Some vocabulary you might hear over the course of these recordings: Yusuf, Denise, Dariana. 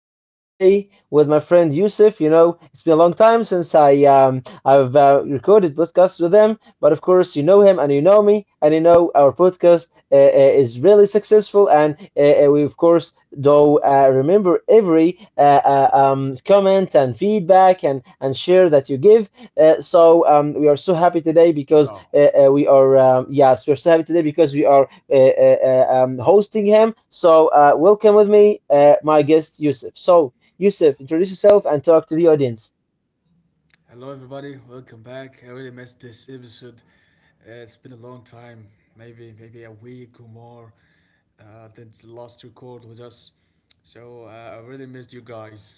podcast today with my friend Yusuf. You know, it's been a long time since I've recorded podcasts with him, but of course, you know him and you know me, and you know our podcast is really successful, and we of course do remember every comment and feedback and share that you give. We are so happy today because Hello. We are yes we're so happy today because we are hosting him. So welcome with me my guest Yusuf. So Yusuf, introduce yourself and talk to the audience. Hello, everybody. Welcome back. I really missed this episode. It's been a long time, maybe a week or more since the last record with us. So I really missed you guys.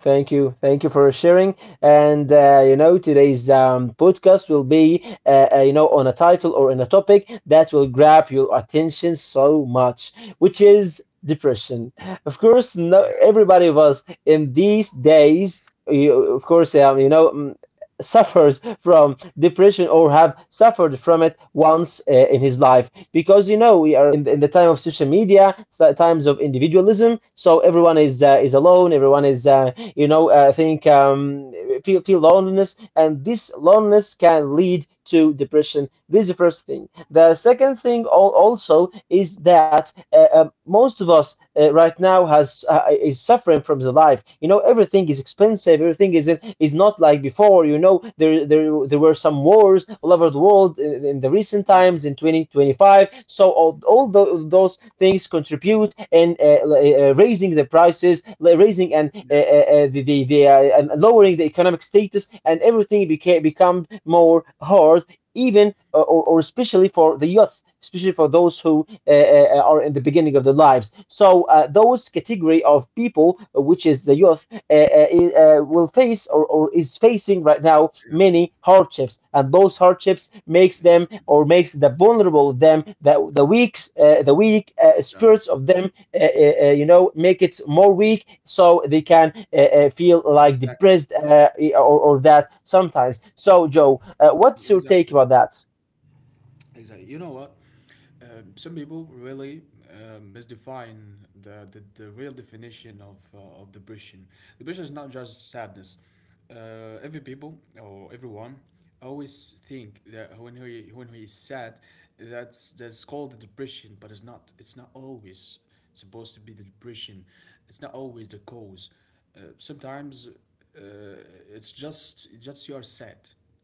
Thank you. Thank you for sharing. And, you know, today's podcast will be, you know, on a title or in a topic that will grab your attention so much, which is depression. Of course, no, Yeah, everybody of us in these days, you, of course, you know, mm, suffers from depression or have suffered from it once in his life, because you know we are in the time of social media, times of individualism. So everyone is alone, everyone is I think feel loneliness, and this loneliness can lead to depression. This is the first thing. The second thing, also, is that most of us right now has is suffering from the life. You know, everything is expensive, everything is is not like before. You know, there were some wars all over the world in the recent yeah, times in 2025. So all, yeah, those things contribute in raising the prices, raising and yeah, the and lowering the economic status, and everything became become more hard. Even or especially for the youth, especially for those who uh, are in the beginning of their lives. So those category of people, which is the youth, will face or is facing right now yeah, many hardships, and those hardships makes yeah, them, or makes the vulnerable of them, the weak yeah. spirits of them, you know, make it more weak, so they can feel like Exactly, depressed or that sometimes. So Joe, what's your take exactly. about that? Exactly. You know what? Some people really misdefine the real definition of depression. Depression is not just sadness. Every people or everyone always think that when he is sad, that's called the depression, but it's not. It's not always supposed to be the depression. It's not always the cause. Sometimes uh, it's just you are sad,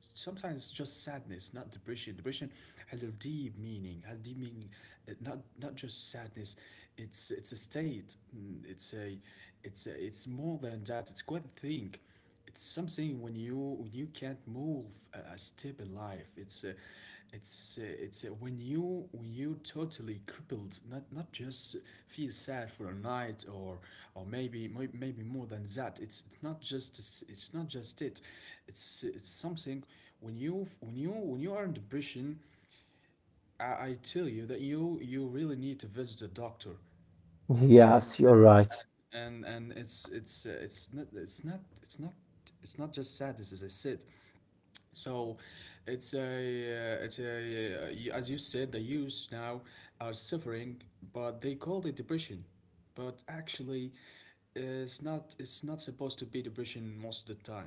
sometimes it's just sadness, not depression. Depression has a deep meaning, has deep meaning, not just sadness. It's a state. It's a it's more than that. It's quite a thing. It's something when you can't move a step in life. When you totally crippled. Not just feel sad for a night or maybe maybe more than that. It's not just it it's something when you are in depression, I tell you that you really need to visit a doctor, Yes, and you're right. and it's not it's not it's not it's not just sadness as I said. So, it's a as you said, the youths now are suffering, but they call it depression, but actually, it's not supposed to be depression most of the time.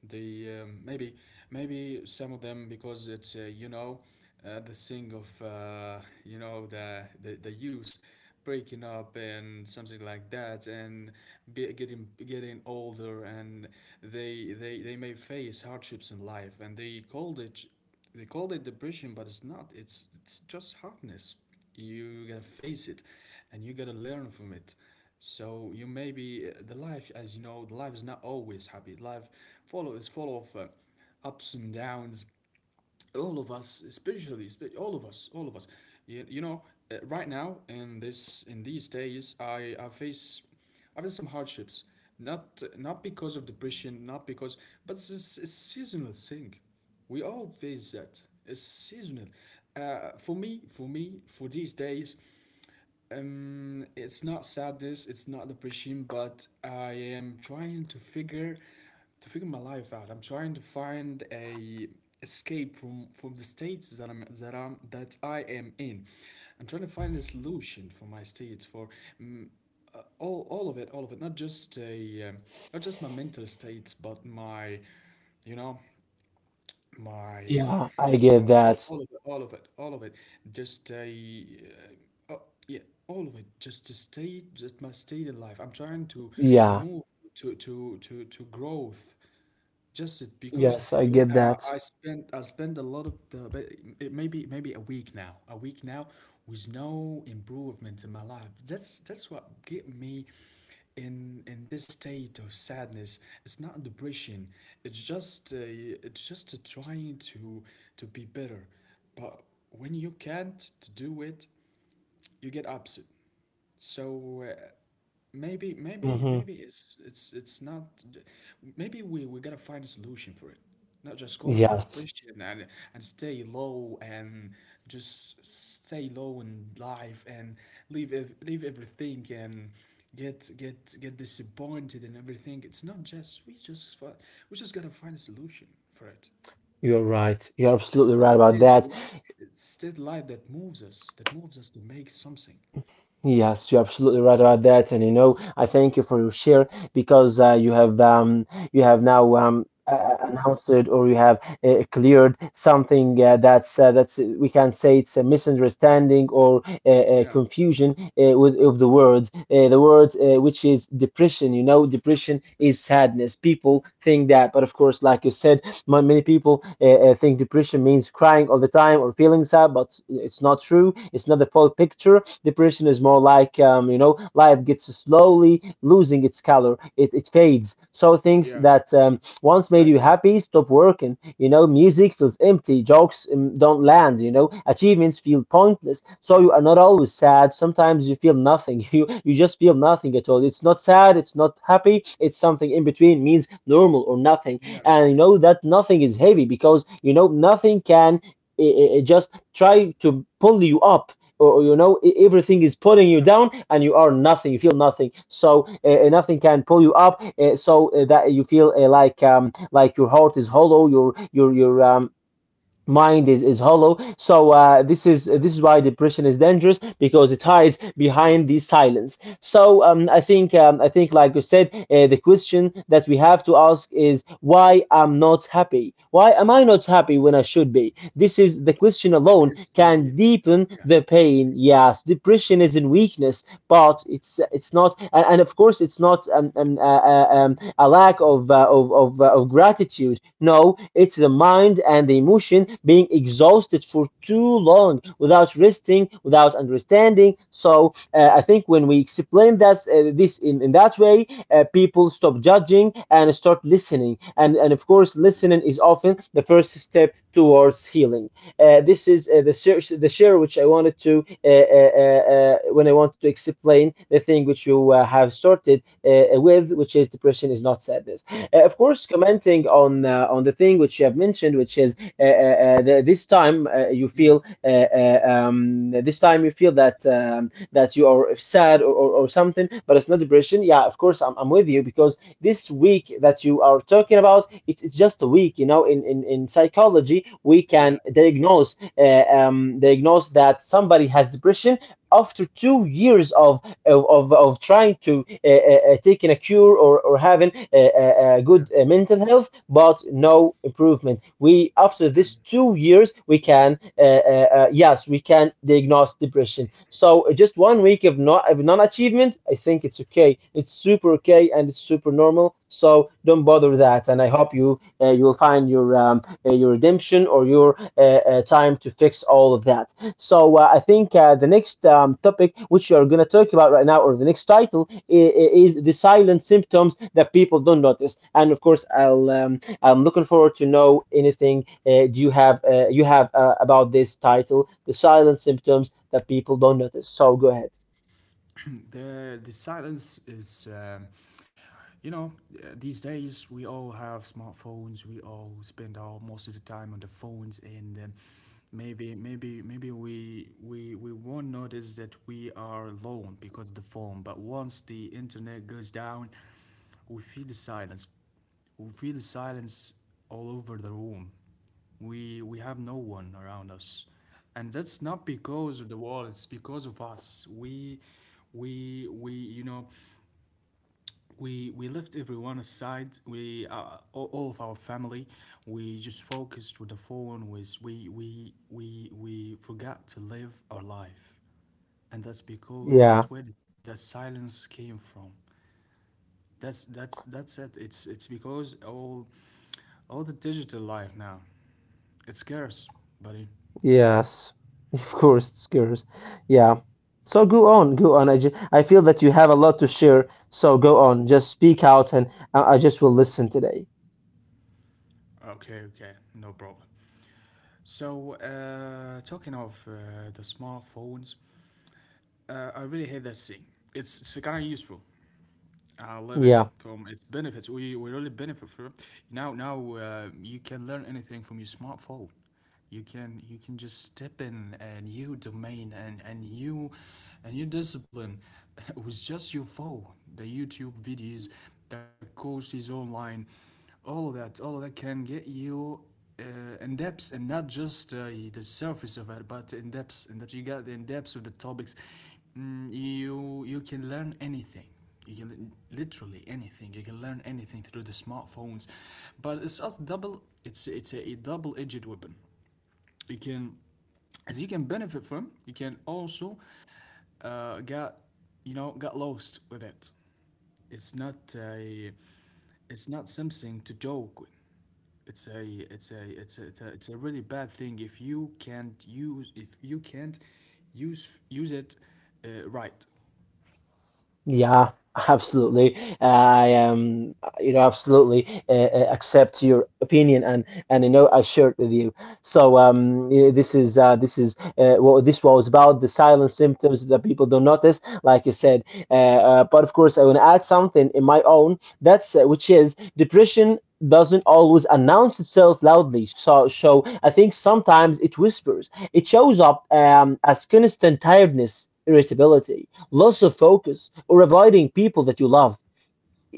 They maybe maybe some of them because it's you know the thing of you know the youth breaking up and something like that and getting older and they may face hardships in life and they called it depression but it's not, it's just hardness. You gotta face it and you gotta learn from it. So you may be, the life, as you know, the life is not always happy life, follow is full of ups and downs. All of us, all of us, you, you know, right now in this in these days I face some hardships, not because of depression, not because, but it's a seasonal thing. We all face that. It's seasonal. For me, for these days, it's not sadness, it's not depression, but I am trying to figure, my life out. I'm trying to find a escape from the states that I'm that I'm that I am in. I'm trying to find a solution for my states, for mm, all, all of it. Not just a not just my mental states, but my you know my, Yeah, I get no, that. All of it. Just stay, oh, yeah, all of it. Just to stay, just my state in life. I'm trying to Yeah, move to growth. Just it because yes, I get that. I spend a lot of the but it, maybe maybe a week now, with no improvement in my life. That's what get me in this state of sadness. It's not depression. It's just, it's just trying to be better. But when you can't to do it, you get upset. So Hmm. maybe it's not, maybe we gotta find a solution for it. Not just call it a Yes. depression and stay low and just stay low in life and leave leave everything and get disappointed and everything. It's not just we just fi- We just gotta find a solution for it. You're right. You're It's absolutely the right about state of that. light. It's state light that moves us, to make something. Yes, you're absolutely right about that. And you know, I thank you for your share because you have now announced it, or you have cleared something that's we can say it's a misunderstanding or Yeah, confusion with of the words. The word which is depression. You know, depression is sadness. People think that, but of course, like you said, many people think depression means crying all the time or feeling sad, but it's not true. It's not the full picture. Depression is more like, you know, life gets slowly losing its color. It fades. So things yeah, that once made you exactly. happy stop working. You know, music feels empty. Jokes don't land. You know, achievements feel pointless. So Yeah, you are not always sad. Sometimes you feel nothing. You just feel nothing at all. It's not sad. It's not happy. It's something in between. Means normal or nothing. yeah, And you know that nothing is heavy, because you know nothing can just try to pull you up, or you know, everything is pulling you yeah, down, and you are nothing, you feel nothing, so nothing can pull you up, that you feel like your heart is hollow, your mind is hollow. So this is why depression is dangerous, because it hides yeah. behind the silence. So I think, like you said, the question that we have to ask is why I'm not happy, why am I not happy when I should be. This is the question alone It's can a, deepen yeah, the pain. Yes, depression isn't weakness, but it's not and, and of course, it's not a lack of, of gratitude. No, it's the mind and the emotion being exhausted for too long without resting, without understanding. So I yeah, think when we explain this in that way, people stop judging and start listening. And of course, yeah, listening is often the first step towards healing. This is the share which I wanted to explain the thing which you have started with, which is depression is not sadness. Of course, commenting on the thing which you have mentioned, which is this time you feel this time you feel that that you are sad or something, but it's not depression. Yeah, of course, I'm with you, because this week that you are talking about, it's just a week. You know, in psychology we can yeah, diagnose diagnose that somebody has depression after 2 years of of trying to taking a cure, or having a yeah, good mental health, but no improvement. We after yeah. this 2 years, we It's can yes, we can diagnose depression. So just one week of not of non-achievement, I think it's okay. It's super okay, and it's super normal. So don't bother with that. And I hope you you will find your redemption, or your time to fix all of that. So I think the next topic, which you're going to talk about right now, or the next title, is the silent symptoms that people don't notice. And of course, I'm looking forward to know anything do you have about this title, the silent symptoms that people don't notice. So go ahead. The silence is, you know, these days we all have smartphones. We all spend all most of the time on the phones, and maybe we won't notice that we are alone because of the phone. But once the internet goes down, we feel the silence. We feel the silence all over the room. We have no one around us, and that's not because of the world. It's because of us. We you know we left everyone aside. We, all of our family. We just focused with the phone. Was We forgot to live our life, and that's Yeah, where the silence came from. That's it. It's because all the digital life now. It scares, buddy. yes, of course, it's curious. Yeah. So go on, go on. I feel that you have a lot to share. So go on, just speak out, and I just will listen today. Okay, okay, no problem. So, talking of the smartphones, I really hate that thing. It's kind of useful. I love it, Yeah. from it's benefits. We really benefit from it. Now now You can learn anything from your smartphone. You can just step in a new domain and new a new discipline with just your phone. The YouTube videos, the courses online, all of that, can get you uh, in depth, and not just the surface of it, but in depth. In depth, you got the in depth of the topics. You can learn anything, you can literally, anything you can learn anything through the smartphones. But it's a double, it's a double-edged weapon. You can, as you can benefit from, you can also get, you know, get lost with it. it's not a it's not something to joke with. it's a it's a really bad thing if you can't use if you can't use it right. Yeah, absolutely. I You know, absolutely accept your opinion, and you know, I share it with you. So this is what this was about, the silent symptoms that people don't notice, like you said. But of course, I want to add something in my own. That's Which is depression doesn't always announce itself loudly. So I think sometimes it whispers. It shows up as constant tiredness, irritability, loss of focus, or avoiding people that you love.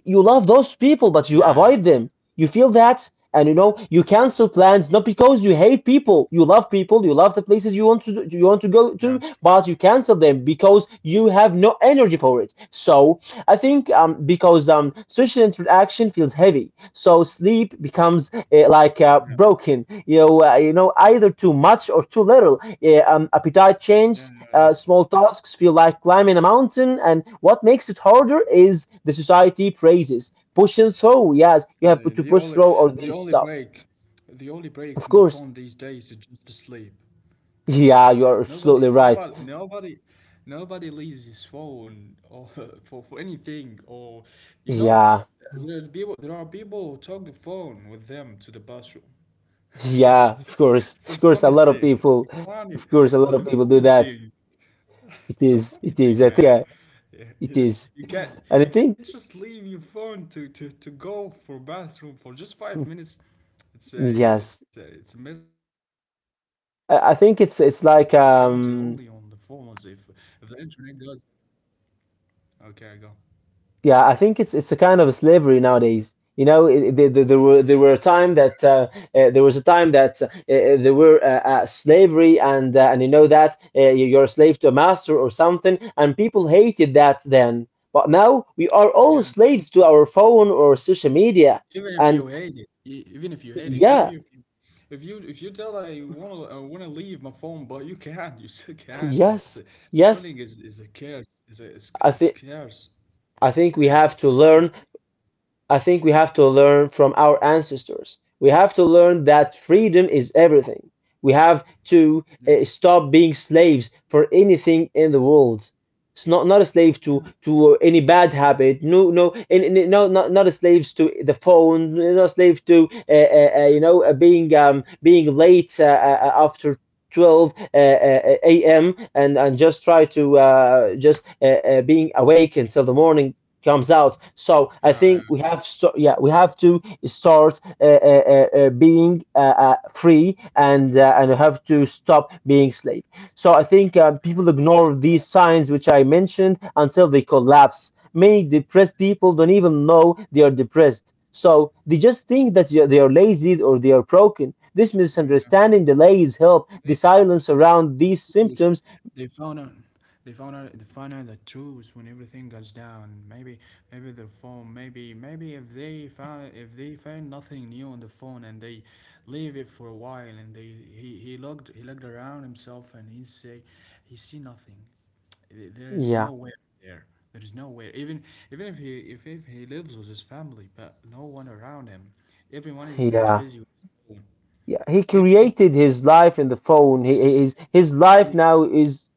You love those people, but you yeah yeah, avoid them. You feel that, and you know, you cancel plans not because you hate people. You love people. You love the places you want to go to, yeah, but you cancel them because you have no energy for it. So I think because social interaction feels heavy, so sleep becomes like yeah, broken. You know, you know, either too much or too little. Appetite change, yeah, yeah, small tasks feel like climbing a mountain, and what makes it harder is the society praises. Pushing through, yes, you yeah, have yeah. to The push only, through all the this only stuff. break, the only break Of from the course. phone these days is just to sleep. Yeah, you are Nobody, absolutely right. nobody, nobody, nobody leaves his phone or for anything. Or you know, Yeah, there are people who talk the phone with them to the bathroom. yeah, It's a, of course. it's a Of course, a funny lot of thing. people, It's a funny, of course, a lot it's a of people do funny that. thing. It It's a is, funny it is. thing, I think man. Yeah, it you, is. And I you can't think, just leave your phone to, to go for bathroom for just 5 minutes. It's a yes, it's a miserable thing. It's a I miserable think be it's being like alive counted only on the phones. If the internet goes, okay, go. Yeah, I think it's a kind of a slavery nowadays. You know, there were a time that there was a time that there were slavery, and you know that you're a slave to a master or something, and people hated that then. But now we are all Yeah, slaves to our phone or social media, even if you and hate it, even if you hate it, even if yeah, you if you if you tell that I want to leave my phone, but you can't, you still can't. It's a yes, Scrolling yes. Is a curse. It's, it's I think curse. I think we It's have to quite a thing. learn I think we have to learn from our ancestors. We have to learn that freedom is everything. We have to stop being slaves for anything in the world. It's not, not a slave to any bad habit. No, no, and no, not not a slave to the phone. Not a slave to being being late after 12 a.m. and just try to just being awake until the morning comes out. So I Yeah, think we have yeah we have to start being free and have to stop being slave. So I think people ignore think these about signs which I mentioned until they collapse. Many depressed people don't even know they are depressed. So they just think that they are lazy or they are broken. This it. Yeah. misunderstanding delays help. The They, silence they around these choose. symptoms. They found out. They found out the truth when everything goes down. Maybe, maybe their phone. Maybe, maybe if they found if they find nothing new on the phone, and they leave it for a while, and he looked, around himself and he say he see nothing. There is Yeah, nowhere there. There is nowhere. Even, even if he lives with his family, but no one around him. Everyone is yeah. busy with his phone. Yeah, he Even if created his life in the phone. he it's, is his life even if now is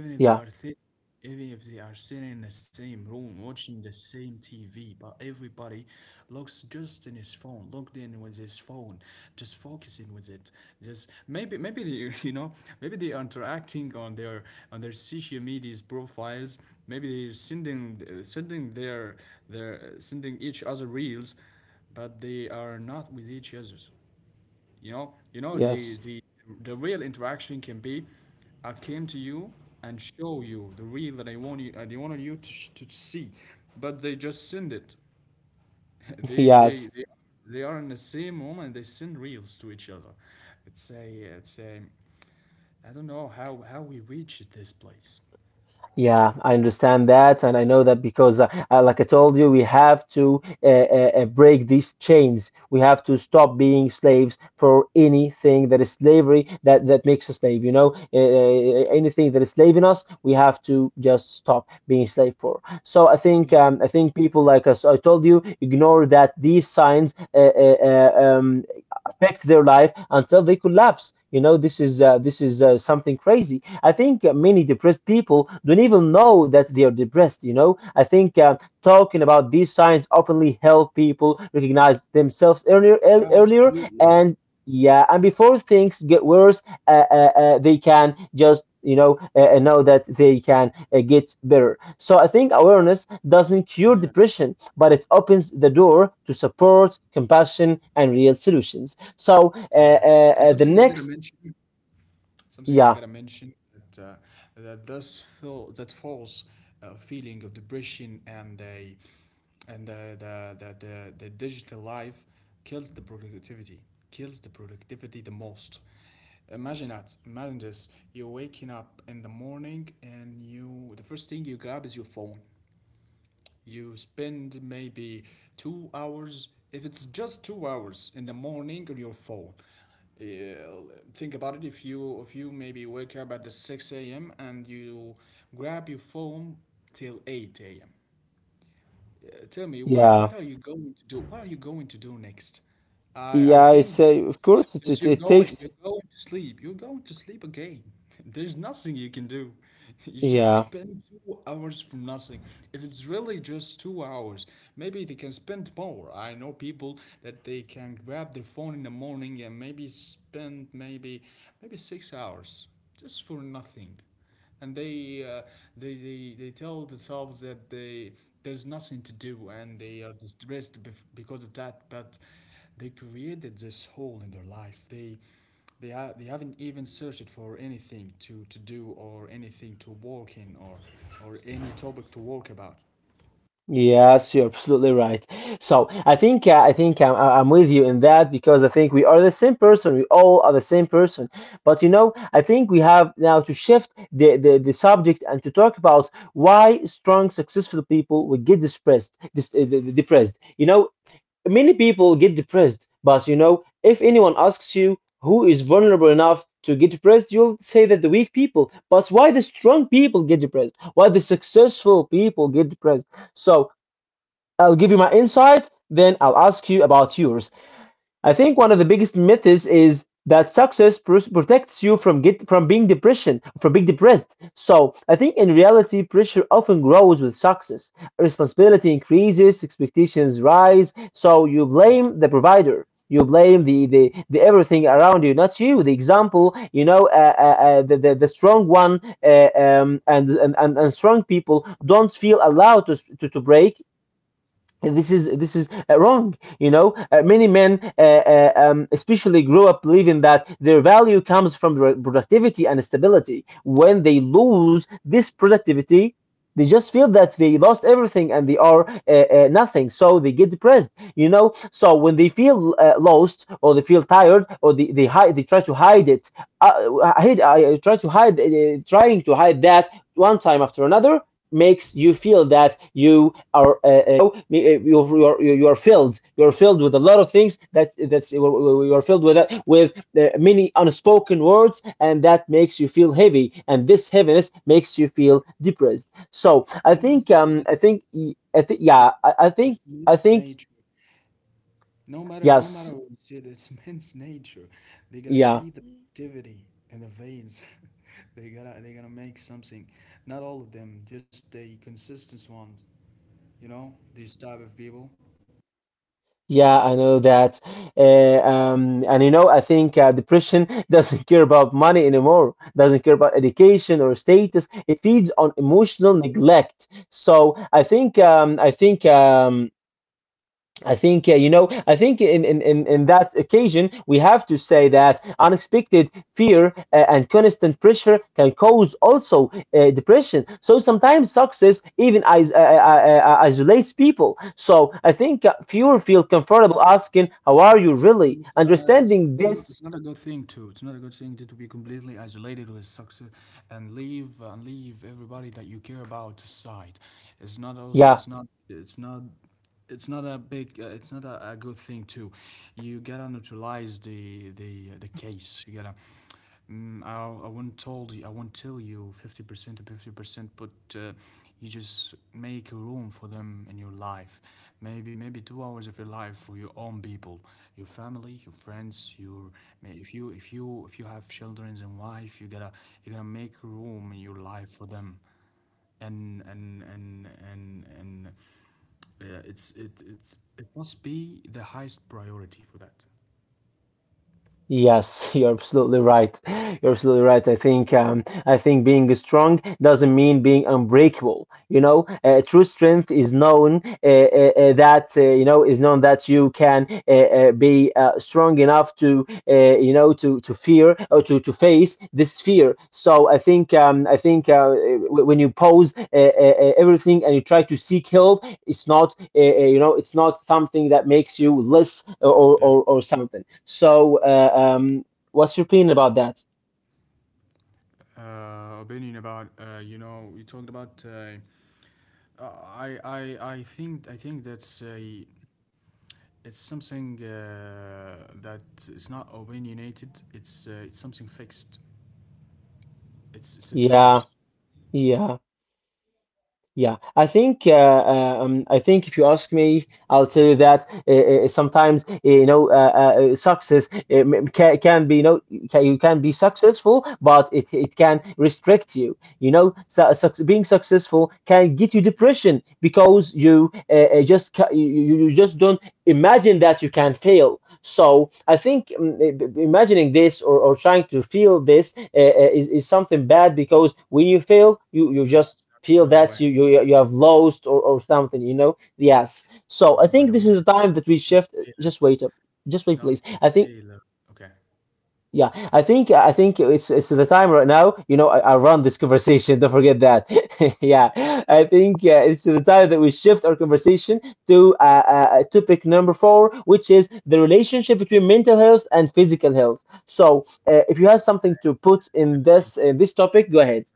even if Yeah. they are thi- even if they are sitting in the same room watching the same TV, but everybody looks just in his phone, logged in with his phone, just focusing with it. Just maybe maybe they you know, maybe they are interacting on their, social media's profiles. Maybe they're sending sending their, sending each other reels, but they are not with each other. You know Yes. The real interaction can be, I came to you and show you the real that I wanted you to, to see, but they just send it. They they Yes. they they are in the same room and they send reels to each other. It's a it's a I don't know how we reached this place. Yeah, I understand that and I know that, because like I told you, we have to break these chains. We have to stop being slaves for anything that is slavery, that that makes a slave, you know, anything that is slaving us, we have to just stop being slave for. So I think Yeah, I think people like us, I told you, ignore that these signs uh, uh, um, affect their life until they collapse. You know, this is something crazy. I think many depressed people don't even know that they are depressed. You know, I think talking about these signs openly help people recognize themselves earlier, yeah, earlier, absolutely. and yeah, and before things get worse, they can just know that they can get better. So I think awareness doesn't cure Yeah, depression, but it opens the door to support, compassion, and real solutions. So yeah. And the something I'm gonna next, mention, something I yeah, gotta mention, that that does feel that false feeling of depression. And a and the the digital life kills the productivity, the most. Imagine that. Imagine this. You're waking up in the morning, and you, the first thing you grab is your phone. You spend maybe 2 hours, if it's just 2 hours in the morning on your phone. Uh, think about it. If you maybe wake up at the 6 a.m. and you grab your phone till 8 a.m. Tell me what yeah, are you going to do? What are you going to do next? I yeah. think It's of course that you're it takes, going to sleep. You're going to sleep again. There's nothing you can do. You just yeah, spend 2 hours for nothing. If it's really just 2 hours, maybe they can spend more. I know people that they can grab their phone in the morning and maybe spend maybe 6 hours just for nothing, and they tell themselves that they there's nothing to do and they are distressed because of that, but they created this hole in their life. They haven't even searched for anything to do, or anything to work in, or any topic to work about. yes, you're absolutely right. So I think I'm with you in that, because I think we are the same person. We all are the same person. But you know, I think we have now to shift the subject and to talk about why strong, successful people will get depressed. Depressed. You know, many people get depressed, but you know, if anyone asks you who is vulnerable enough to get depressed, you'll say that the weak people. But why the strong people get depressed? Why the successful people get depressed? So I'll give you my insight, then I'll ask you about yours. I think one of the biggest myths is that protects you from get from being depression from being depressed. So I think in reality, pressure often grows with success. Responsibility increases, expectations rise. So you blame the provider. You blame the everything around you, not you. The example, you know, the strong one and and strong people don't feel allowed to to break. This is this is wrong, you know. Many men especially grow up believing that their value comes from productivity and stability. When they lose this productivity, they just feel that they lost everything and they are nothing, so they get depressed, you know. So when they feel lost, or they feel tired, or they try to hide it. I try to hide, trying to hide that one time after another, makes you feel that you are you are filled, you are filled with a lot of things, that that's you are filled with many unspoken words, and that makes you feel heavy, and this heaviness makes you feel depressed. So I Yeah, think but I it's, think, I think it's, yeah, I it's think, men's I think nature. No matter, no matter yes, what you see, it's man's nature. They gotta yeah. feed the activity and the veins. They gotta make something. Not all of them, just the consistent ones. You know, these type of people. Yeah, I know that. And you know, I think depression doesn't care about money anymore, doesn't care about education or status. It feeds on emotional neglect. So I think, I think, I think you know. I think in that occasion, we have to say that unexpected fear and constant pressure can cause also depression. So sometimes success even isolates people. So I think fewer feel comfortable asking, "How are you really?" It's, uh, Understanding it's not, it's this, not a good thing to. It's not a good thing to be completely isolated with success and leave everybody that you care about aside. It's not also. yeah. It's not. It's not. It's not a big. It's not a, a good thing to. You gotta neutralize the the case. You gotta. I won't told you, I won't tell you 50% to 50%, but you just make room for them in your life. Maybe 2 hours of your life for your own people, your family, your friends, your if you have children and wife, you gotta make room in your life for them. And It's it must be the highest priority for that. Yes, you're absolutely right. You're absolutely right. I think being strong doesn't mean being unbreakable. You know, true strength is known that you know, is known that you can be strong enough to you know, to fear or to face this fear. So I think when you pose everything and you try to seek help, it's not you know, it's not something that makes you less, Yeah. Or something. So what's your opinion about that? Opinion about you know, you talked about Uh, I, I, I think that's a it's something that is not opinionated. It's something fixed. It's a Yeah, truth. yeah, yeah. I think I think if you ask me, I'll tell you that sometimes you know, success can be, you know, can, you can be successful, but it can restrict you, you know. Su- suc Being successful can get you Yeah, depression, because you you just don't imagine that you can fail. So I think imagining this, or trying to feel this is something bad, because when you fail, you yeah, yeah, just it's not feel good by the that way. you have lost, or something, you know? Yes. It's not So good I by the think way. this is the time that we It's not the shift. failure. Just wait up. It's Just wait, not please. the I think failure. Okay. yeah, I think, I think it's the time right now. You know, I run this conversation. Don't forget that. Yeah, I think it's the time that we shift our conversation to topic number four, which is the relationship between mental health and physical health. So, if you have something to put Yeah, I think- in this topic, go ahead.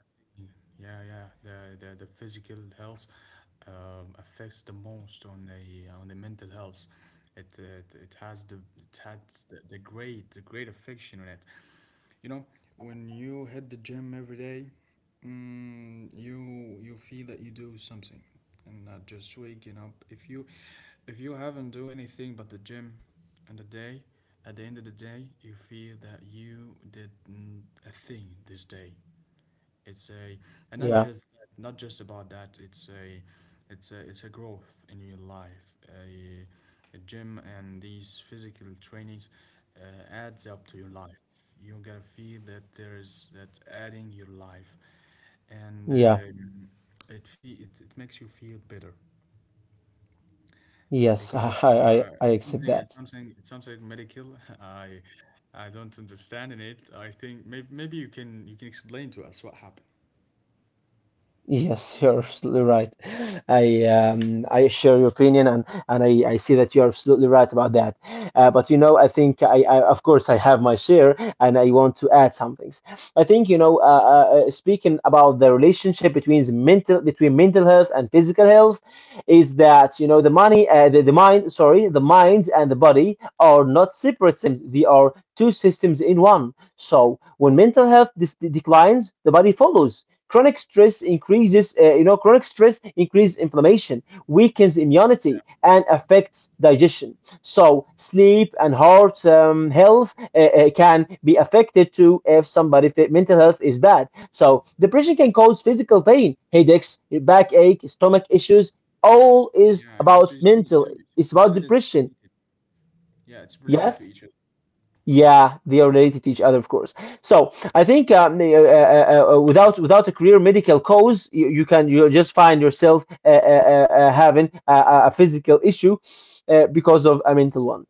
yeah. Yeah. The physical health affects the most on the mental health. It has the it had the the great affection on it. You know, when you hit the gym every day, you feel that you do something and not just waking up. If you haven't do anything but the gym and the day, at the end of the day, you feel that you did a thing this day. It's a and not Yeah, just Not just about that. It's a it's a it's a growth in your life. A gym and these physical trainings adds up to your life. You gotta feel that there is that's adding your life, and yeah, it, fe- it makes you feel better because yes, of it's I something accept that. Medical. I don't understand in it. I think maybe you can explain to us what happened. Yes, you're absolutely right. I share your opinion, and I see that you're absolutely right about that. But you know, I think I of course I have my share, and I want to add some things. I think you know, speaking about the relationship between the mental between mental health and physical health, is that you know the money, the mind, sorry, the mind and the body are not separate systems; they are two systems in one. So when mental health dis declines, the body follows. Chronic stress increases, you know, chronic stress increases inflammation, weakens immunity, and affects digestion. So sleep and heart health can be affected too if somebody mental health is bad. So depression can cause physical pain, headaches, backache, stomach issues. All is Yeah, yeah. So about you see, mental. so It's you about said it's depression. related. Yeah, it's related to Yes. each other. Yeah, they are related to each other, of course. So I think without without a career medical cause, you can, you just find yourself having a physical issue because of a mental one.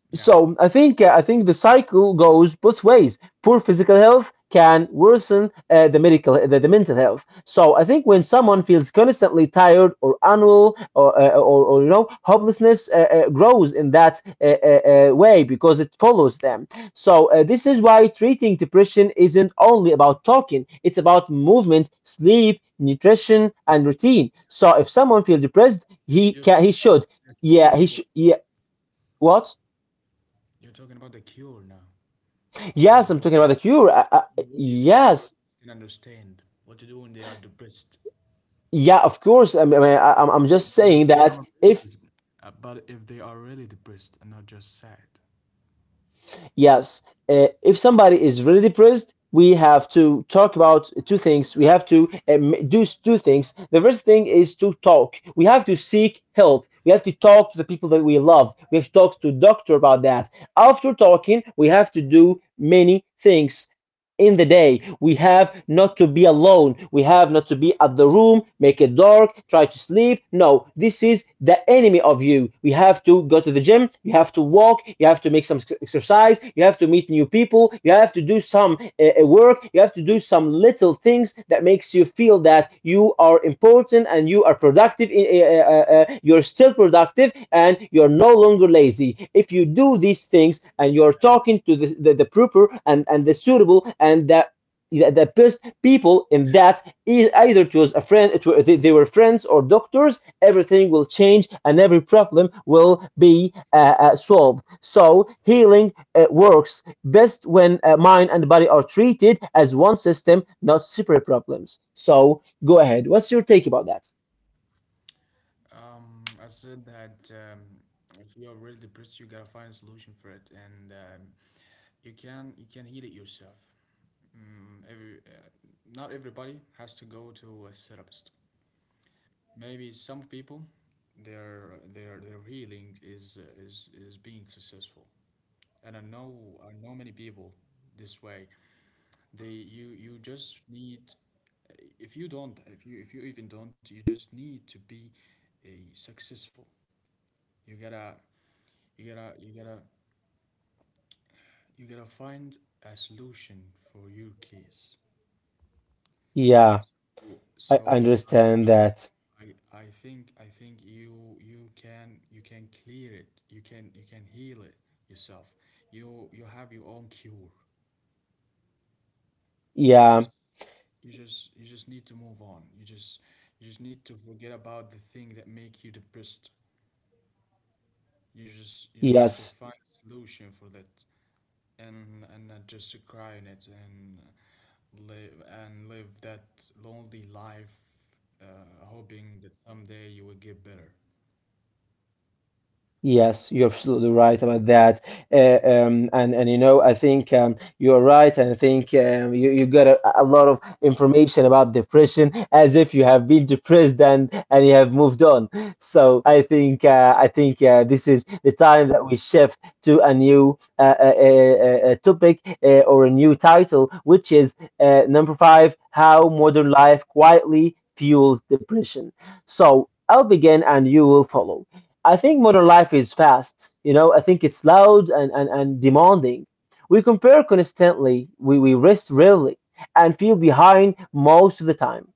Yeah. So I think the cycle goes both ways. Poor physical health can worsen the mental health. So I think when someone feels constantly tired or unwell, or you know, hopelessness grows in that way, because it follows them. So this is why treating depression isn't only about talking; it's about movement, sleep, nutrition, and routine. So if someone feels depressed, You're talking about the cure he for. should yeah what You're talking about the cure now. So, Yes, I'm so our talking about the so, cure. So our Yes, audience can understand what to do when they are depressed. yeah, of course. I mean, But I'm they- just but if saying they that are really if dis- but if they are really depressed and not just sad. yes, if somebody is really depressed, we have to talk about two things. We have to two things. The first thing is to talk. We have to seek help. We have to talk to the people that we love. We have to talk to doctor about that. After talking, we have to do many things. In the day, we have not to be alone. We have not to be at the room, make it dark, try to sleep. No, this is the enemy of you. We have to go to the gym. You have to walk. You have to make some exercise. You have to meet new people. You have to do some work. You have to do some little things that makes you feel that you are important and you are productive you're still productive and you're no longer lazy if you do these things, and you're talking to the proper and the suitable and the yeah, the best people in that, either it was a friend, they were friends or doctors. Everything will change and every problem will be solved. So healing works best when mind and body are treated as one system, not separate problems. So go ahead, what's your take about that? I said that if you are really depressed, you gotta find a solution for it, and you can heal it yourself. Mm, every, uh, Not everybody has to go to a therapist. Maybe some people, their healing is is being successful, and I know many people this way. They You just need, if you don't if you even don't you just need to be a successful. You gotta you gotta you gotta find a solution for your case. Yeah, W- I So I understand I that. I I think you can you can clear it. You can heal it yourself. You have your own cure. You Yeah. just need to move on. You just need to forget about the thing that make you depressed. You just to Yes, find a solution for that, and not just to cry in it and live that lonely life uh, hoping that someday you will get better. yes, you're absolutely right about that. And you know, I think you're right. And I think you, you got a lot of information about depression, as if you have been depressed and you have moved on. So I think this is the time that we shift to a new topic, or a new title, which is number five, How Modern Life Quietly Fuels Depression. So I'll begin and you will follow. I think modern life is fast. You know, I think it's loud and demanding. We compare constantly, we rest rarely, and feel behind most of the time.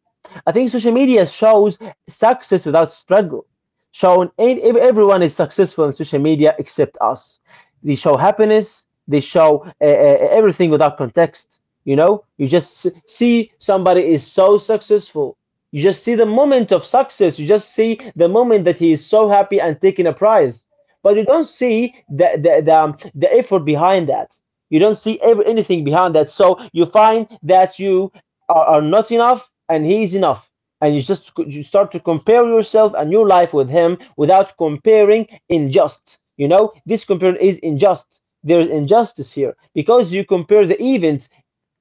I think social media shows success without struggle. Shown in, everyone is successful on social media except us. They show happiness, they show everything without context. You know, you just see somebody is so successful. You just see the moment of success. You just see the moment that he is so happy and taking a prize. But you don't see the the effort behind that. You don't see anything behind that. So you find that you are not enough and he is enough. And you start to compare yourself and your life with him, without comparing unjust. You know, this compare is unjust. There is injustice here because you compare the events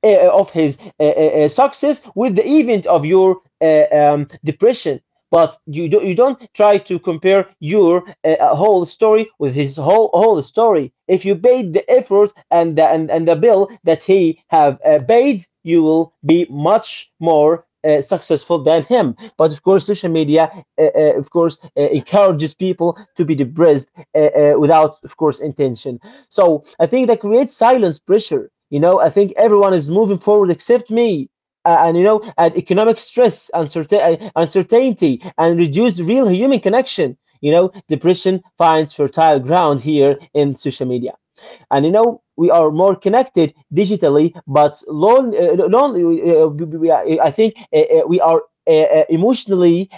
of his success with the event of your depression. But you don't try to compare your whole story with his whole story. If you paid the effort and and the bill that he have paid, you will be much more successful than him. But of course, social media, of course, encourages people to be depressed without, of course, intention. So I think that creates silence pressure. You know, I think everyone is moving forward except me. And you know, and economic stress, uncertainty, and reduced real human connection. You know, depression finds fertile ground here in social media. And you know, we are more connected digitally, but lonely. Uh, I think we are emotionally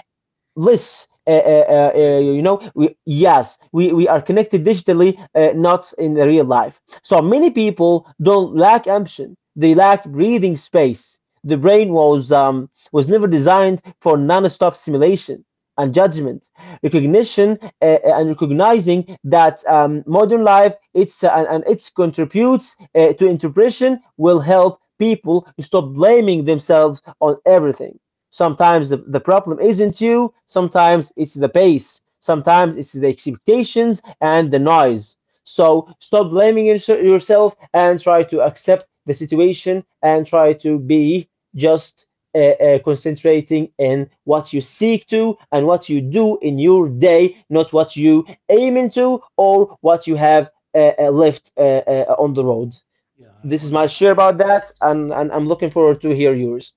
less Separated. You know, we yes, we are connected digitally, not in the real life. So many people don't lack ambition, they lack breathing space. The brain was never designed for non-stop simulation and judgment recognition, and recognizing that modern life, it's and its contributes to interpretation, will help people stop blaming themselves on everything. Sometimes the problem isn't you, sometimes it's the pace, sometimes it's the expectations and the noise. So stop blaming yourself and try to accept the situation and try to be just concentrating in what you seek to and what you do in your day, not what you aim into or what you have left on the road. Yeah, This is my I share wanna about add to that, this. And I'm looking forward to hear yours.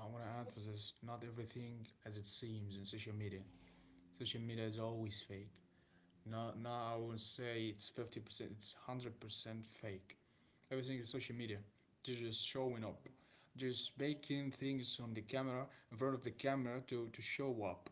I wanna add to this. Not everything as it seems in social media. Social media is always fake. Not I would say it's 50%. It's 100% fake. Everything is social media. They're just showing up. Just making things on the camera, in front of the camera to show up.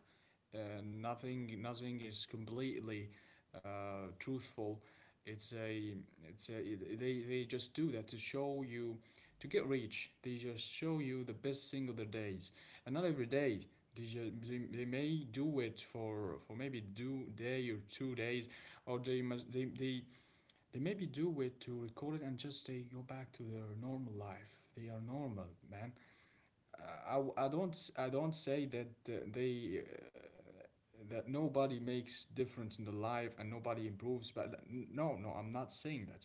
Nothing is completely truthful. It's a it's a it- They just do that to show you to get rich. They just show you the best thing of their days, and not every day. They may do it for maybe do day or 2 days, or they must they maybe do wait to record it and just they go back to their normal life. They are normal, man. I don't say that they that nobody makes difference in the life and nobody improves. But no, no, I'm not saying that.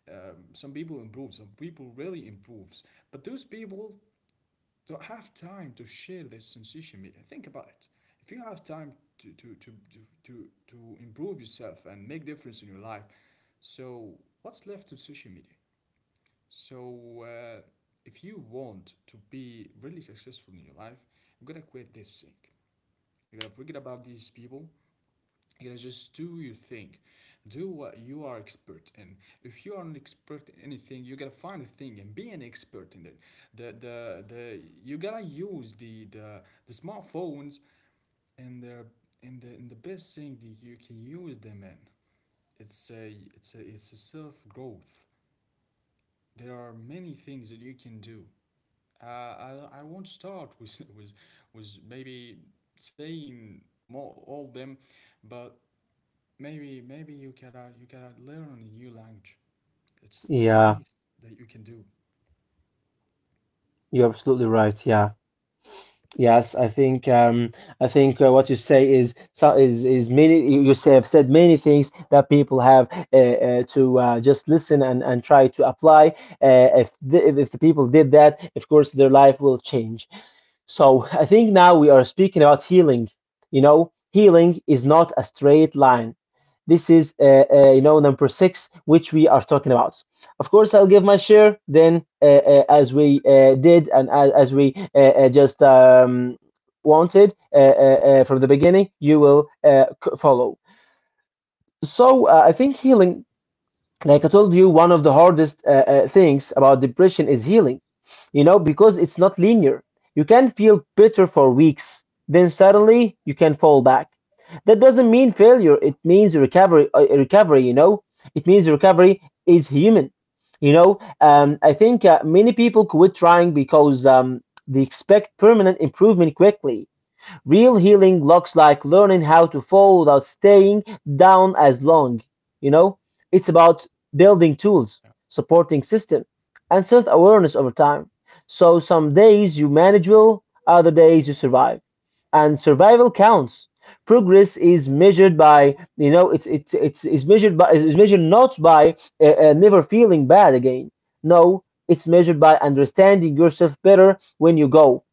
Some people improve. Some people really improves. But those people don't have time to share this sensation media. Think about it. If you have time to improve yourself and make difference in your life, so what's left to social media? So if you want to be really successful in your life, you gotta quit this thing. You gotta forget about these people, you know, just do your thing, do what you are expert in. If you are an expert in anything, you gotta find a thing and be an expert in it. The you gotta use the smartphones and their in the best thing that you can use them in. It's a self growth. There are many things that you can do. uh, I won't start with with maybe saying more all them but. Maybe you can learn a new language. It's at Yeah. least that you can do. You're absolutely right. Yeah. Yes, I think what you say is is many. You say have said many things that people have to just listen and try to apply. If if the people did that, of course, their life will change. So I think now we are speaking about healing. You know, healing is not a straight line. This is, you know, number six, which we are talking about. Of course, I'll give my share then, as we did and as we just wanted from the beginning, you will follow. So I think healing, like I told you, one of the hardest things about depression is healing, you know, because it's not linear. You can feel bitter for weeks, then suddenly you can fall back. That doesn't mean failure, it means recovery, you know, it means recovery is human. You know, I think many people quit trying because they expect permanent improvement quickly. Real healing looks like learning how to fall without staying down as long. You know, it's about building tools, supporting system, and self awareness over time. So some days you manage well, other days you survive, and survival counts. Progress is measured by, you know, it's is measured by is measured not by never feeling bad again. No, it's measured by understanding yourself better when you go.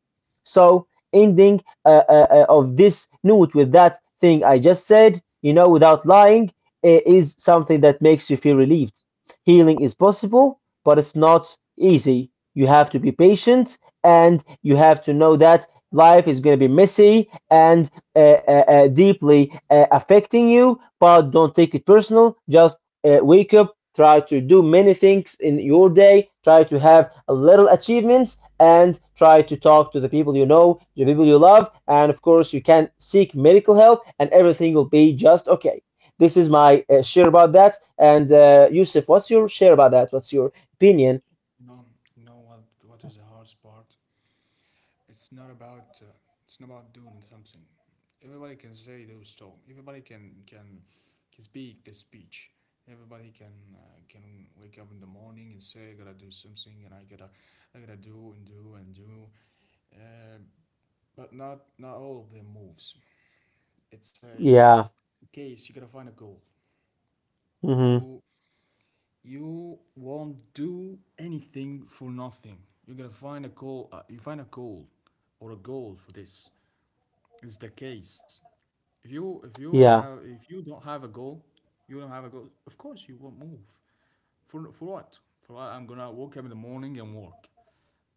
So ending of this note with that thing I just said, you know, without lying, is something that makes you feel relieved. Healing is possible, but it's not easy. You have to be patient, and you have to know that life is going to be messy and deeply affecting you. But don't take it personal. Just wake up. Try to do many things in your day. Try to have a little achievements and try to talk to the people you know, the people you love, and of course, you can seek medical help and everything will be just okay. This is my share about that. And Yusuf, what's your share about that? What's your opinion? You know, you know what is the hardest part? It's not about uh, it's not about doing something. Everybody can say those talk. Everybody can speak the speech. Everybody can wake up in the morning and say I gotta do something, and I gotta do and do and do. Uh, but not all of them moves. It's a Yeah. case, you gotta find a goal. Mm-hmm. You won't do anything for nothing. You're gonna find a goal. You find a goal or a goal for this. It's the case. If Yeah. You don't have a goal, you don't have a goal. Of course, you won't move. For what? For what? I'm gonna wake up in the morning and work.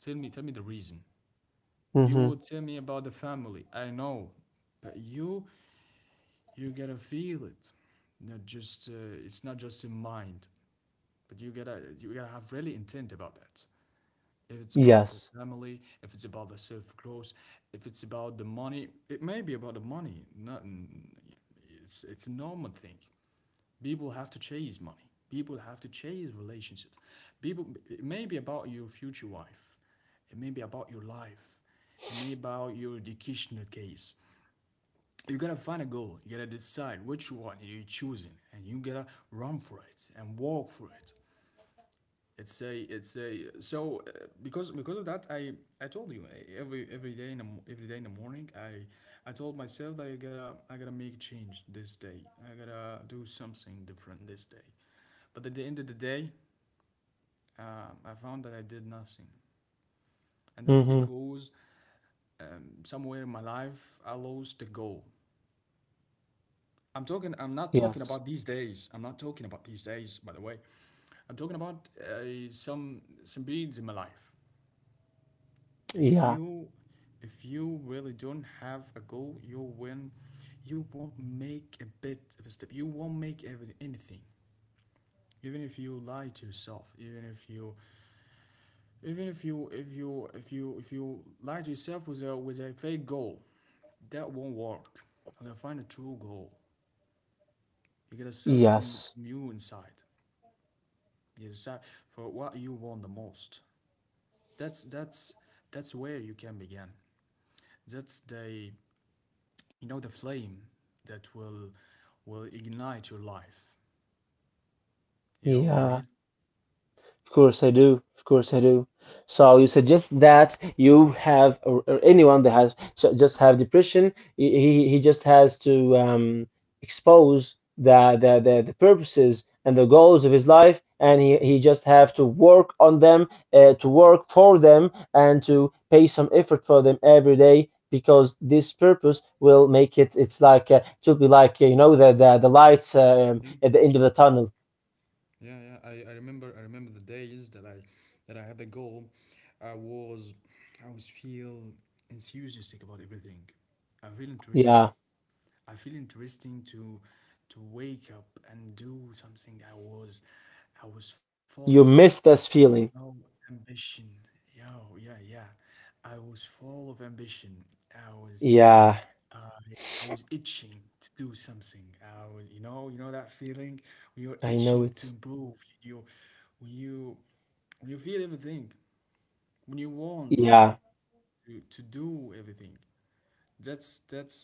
Tell me the reason. You Mm-hmm. will tell me about the family. I know, but you gotta feel it. Not just it's not just in mind. But you gotta have really intent about that. If it's about the Yes. family, if it's about the self growth, if it's about the money, it may be about the money. Not It's it's a normal thing. People have to chase money. People have to chase relationships. People it may be about your future wife. It may be about your life. It may be about your educational case. You gotta find a goal. You gotta decide which one you're choosing, and you gotta run for it and walk for it. It's a it's a so Because of that I told you, every day in every day in the morning I told myself that I gotta make a change this day. I gotta do something different this day, but at the end of the day, I found that I did nothing. And that's Mm-hmm. because somewhere in my life I lost the goal. I'm not talking Yes. about these days, by the way. I'm talking about some periods in my life. If Yeah. you if you really don't have a goal, you win. You won't make a bit of a step. You won't make even anything. Even if you lie to yourself. Even if you lie to yourself with a fake goal, that won't work. I'm gonna find a true goal. You gotta search from Yes. from you inside. You decide for what you want the most. That's that's where you can begin. That's the You know, the flame that will ignite your life, you know what I mean? Yeah. Of course I do. Of course I do. So you suggest that you have, or anyone that has just have depression, he just has to expose the purposes and the goals of his life, and he just have to work on them, to work for them, and to pay some effort for them every day. Because this purpose will make it, it's like, it will be like, you know, the light Mhm. at the end of the tunnel. Yeah, yeah. I remember, I remember the days that I had the goal. I was I was feel enthusiastic about everything. I feel interested. Yeah, I feel interesting to wake up and do something. I was full of, you miss this you know, feeling. ambition. Yo, yeah, yeah. I was full of ambition. I was Yeah. I I was itching to do something. I was, you know that feeling when you're I itching to know it. improve. When you, when you feel everything, when you want Yeah, to do everything. That's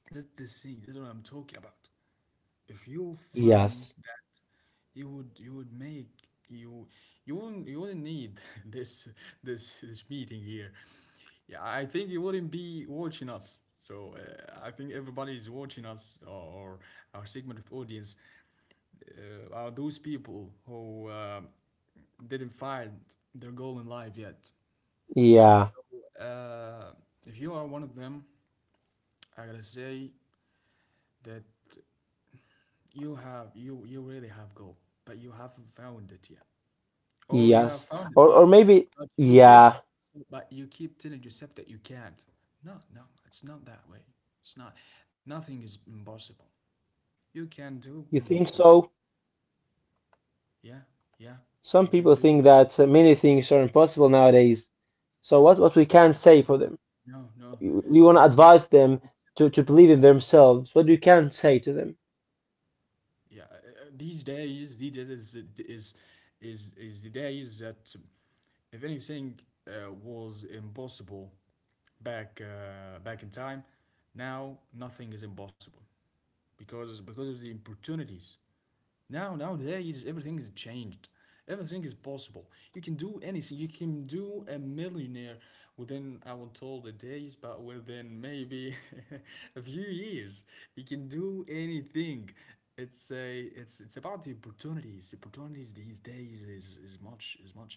that's the thing. That's what I'm talking about. If you found yes, that, you would make, you you wouldn't need this this meeting here. Yeah, I think you wouldn't be watching us, I think everybody is watching us. Or our segment of audience, are those people who didn't find their goal in life yet. yeah, so uh, if you are one of them, I gotta say that you have, you really have goal, but you haven't found it yet, or you have yes. found it, but Or maybe but you keep yeah, but you keep telling yourself that you can't. No, no, it's not that way. It's not. Nothing is impossible. You can do you think anything. so? Yeah, yeah, you Some can do. people think Anything. that many things are impossible nowadays. So what we can say for No, them? no, no, We want no, to no. advise them to believe in themselves. What we can say to them? Yeah these days is is the days that if anything was impossible back in time, now nothing is impossible. Because of the opportunities now, nowadays everything is changed. Everything is possible. You can do anything. You can do a millionaire within, I won't tell the days, but within maybe a few years. You can do anything. It's it's about the opportunities. The opportunities these days is much is much,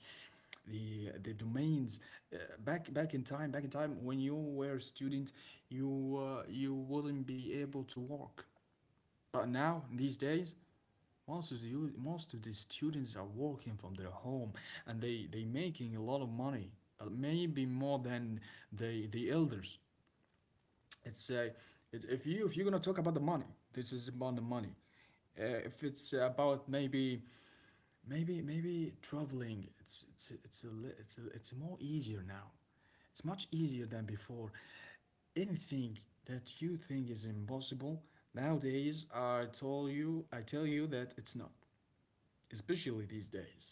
the domains, uh, back in time when you were a student, you wouldn't be able to work. But now, these days, most of the most of the students are working from their home, and they making a lot of money, maybe more than the elders. It's uh, it's, if you, if you're gonna talk about the money, this is about the money. If it's about maybe, maybe traveling, it's it's it's a, it's more easier now. It's much easier than before. Anything that you think is impossible nowadays, I tell you that it's not, especially these days.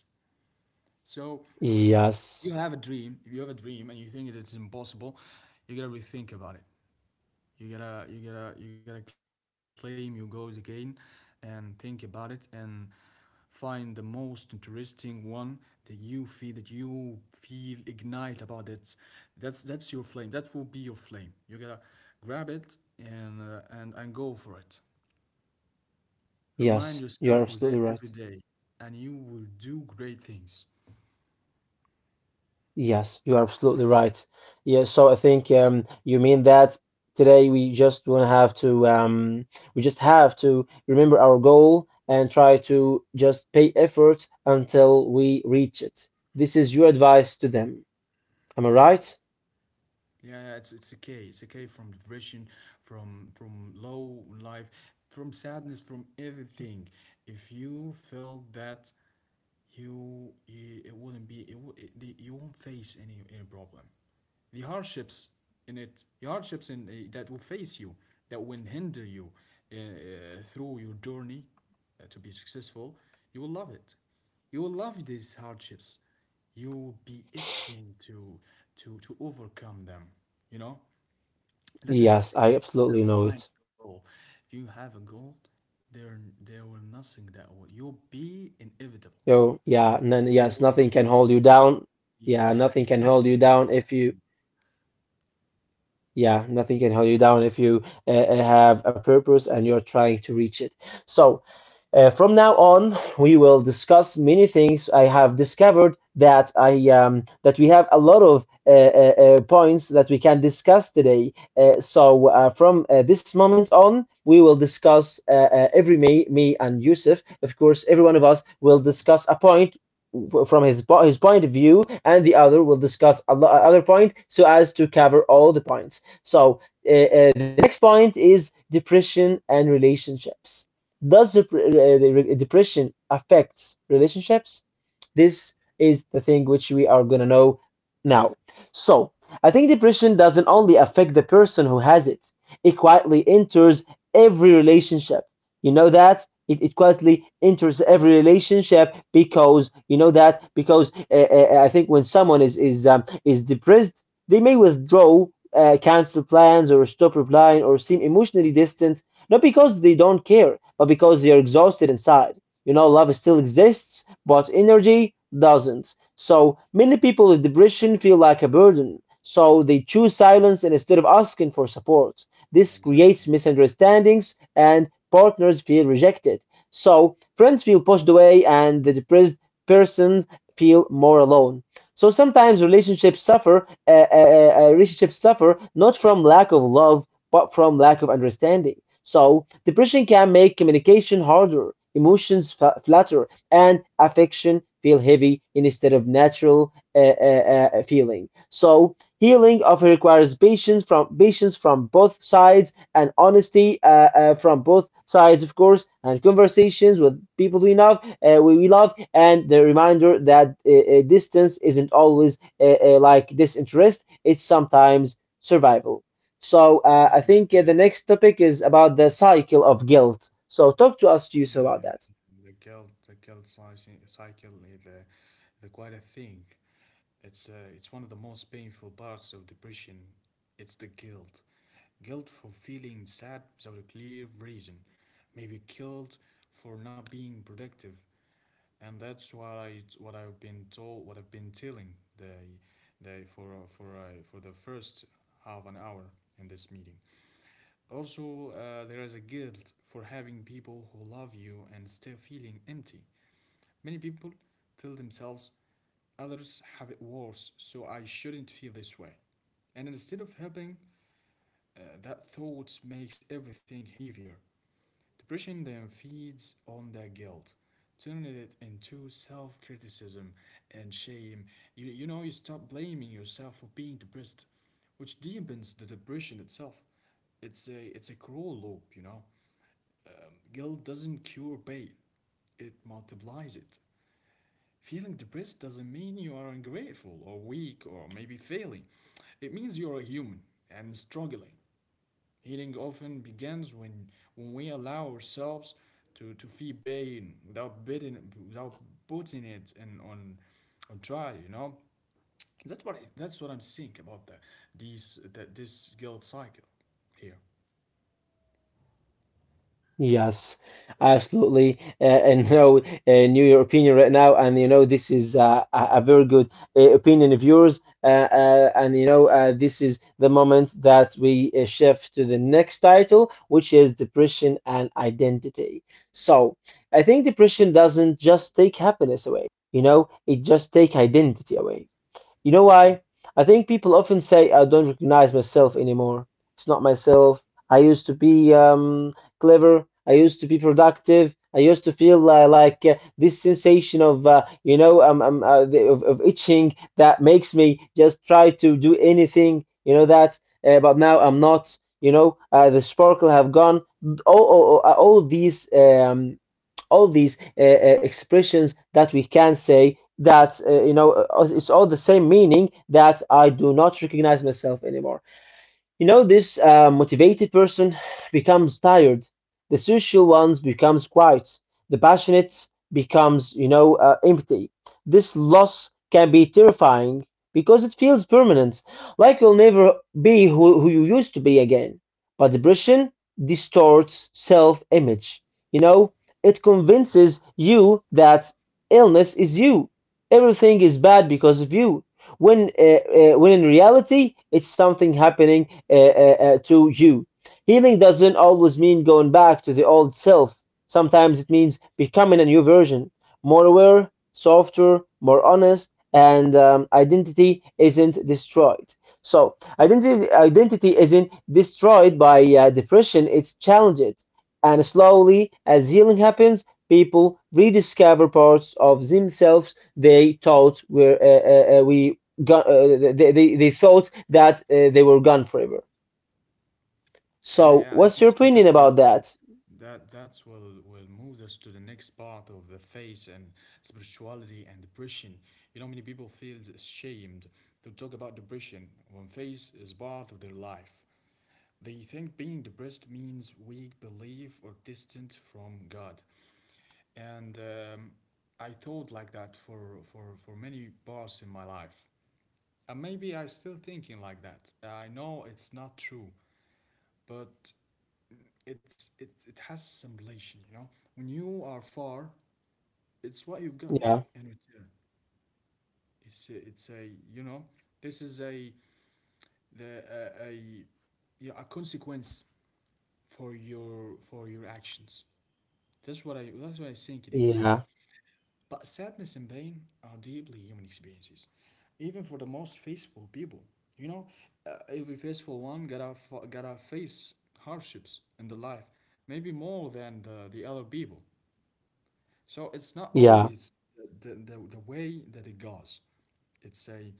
So Yes, you have a dream. If you have a dream and you think that it's impossible, you gotta rethink about it. You gotta you gotta claim your goals again and think about it and find the most interesting one that you feel, that you feel ignite about it. That's your flame. That will be your flame. You gotta grab it and, and go for it. Remind yes, you're yourself of that absolutely every right. day, and you will do great things. Yes, you are absolutely right. Yeah, so I think you mean that today we just want to have to we just have to remember our goal and try to just pay effort until we reach it. This is your advice to them. Am I Yeah. right? Yeah, yeah, it's okay. It's okay from depression, from low life, from sadness, from everything. If you feel that you it wouldn't be it, wou- it the- you won't face any problem. The hardships the hardships in, that will face you, that will hinder you, through your journey, to be successful, you will love it. You will love these hardships. You'll be itching to, to overcome them, you know, that is the Yes, secret. I You absolutely gotta know it. find a goal. If you have a goal, there will nothing that will, you'll be inevitable. Yo, yeah, and then you yes, will you nothing will can im- hold you down. Yeah, yeah, nothing yeah, can hold nothing you can down if conquer you you. yeah, nothing can hold you down if you have a purpose and you're trying to reach it. So. From now on, we will discuss many things. I have discovered that I that we have a lot of points that we can discuss today. So from this moment on, we will discuss every me and Yusuf. Of course, every one of us will discuss a point from his point of view, and the other will discuss a other point so as to cover all the points. So the next point is depression and relationships. Does depression affects relationships? This is the thing which we are gonna know now. So, I think depression doesn't only affect the person who has it, it quietly enters every relationship. You know that? It quietly enters every relationship, because you know that, because I think when someone is depressed, they may withdraw, cancel plans, or stop replying, or seem emotionally distant, not because they don't care, but because they're exhausted inside. You know, love still exists, but energy doesn't. So many Mhm. people with depression feel like a burden. So they choose silence instead of asking for support. Yeah, This creates exactly. misunderstandings and partners feel rejected. So friends feel pushed away and the depressed persons feel more alone. So sometimes relationships suffer not from lack of love, but from lack of understanding. So, depression can make communication harder, emotions flatter, and affection feel heavy instead of natural feeling. So, healing often requires patience from both sides and honesty from both sides, of course, and conversations with people we love, we love, and the reminder that distance isn't always like disinterest; it's sometimes survival. So I think the next topic is about the cycle of guilt. So talk to us, Yeah, Yusuf, yeah, about that. the guilt, cycle is a, the quite a thing. It's uh, it's one of the most painful parts of depression. It's the guilt, guilt for feeling sad without a clear reason, maybe guilt for not being productive, and that's what I've been told, what I've been telling the, for the first half an hour in this meeting. Also, there is a guilt for having people who love you and still feeling empty. Many people tell themselves, others have it worse, so I shouldn't feel this way. And instead of helping, that thought makes everything heavier. Depression then feeds on the guilt, turning it into self criticism and shame. You know, you stop blaming yourself for being depressed, which deepens the depression itself. It's a cruel loop, you know. Guilt doesn't cure pain, it multiplies it. Feeling depressed doesn't mean you are ungrateful or weak or maybe failing. It means you are a human and struggling. Healing often begins when we allow ourselves to feel pain without, bidding, without putting it in, on try, you know? That's what I'm seeing about this guilt cycle here. Yes, absolutely. And no, new your opinion right now, and you know this is a very good opinion of yours. And you know this is the moment that we shift to the next title, which is depression and identity. So I think depression doesn't just take happiness away. You know, it just take identity away. You know why? I think people often say, I don't recognize myself anymore. It's not myself. I used to be clever. I used to be productive. I used to feel like this sensation of, of itching that makes me just try to do anything, you know, that. But now I'm not, you know, the sparkle have gone. All these expressions that we can say that you know it's all the same meaning that I do not recognize myself anymore. You know, this motivated person becomes tired. The social ones becomes quiet. The passionate becomes, you know, empty. This loss can be terrifying because it feels permanent, like you'll never be who you used to be again. But depression distorts self-image. You know, it convinces you that illness is you. Everything is bad because of you when uh, when in reality it's something happening to you. Healing doesn't always mean going back to the old self. Sometimes it means becoming a new version, more aware, softer, more honest, and identity isn't destroyed. So, identity isn't destroyed by depression, it's challenged. And slowly, as healing happens, people rediscover parts of themselves they thought were we gun, they thought that they were gone forever. Yeah, So, yeah, and what's your that's, and opinion that will about that? that that's will move us to the next part of the faith and spirituality and depression. You know, many people feel ashamed to talk about depression when faith is part of their life. They think being depressed means weak belief or distant from God. And I thought like that for, for many parts in my life. And maybe I still thinking like that. I know it's not true, but it's, it has some relation, you know. When you are far, it's what you've got Yeah, in return. It's a you know, this is a the a yeah, a consequence for your, for your actions. That's what I think it is. yeah, But sadness and pain are deeply human experiences, even for the most faithful people. You know, every faithful one gotta gotta face hardships in the life, maybe more than the other people. So it's not yeah, always the way that it goes. It's a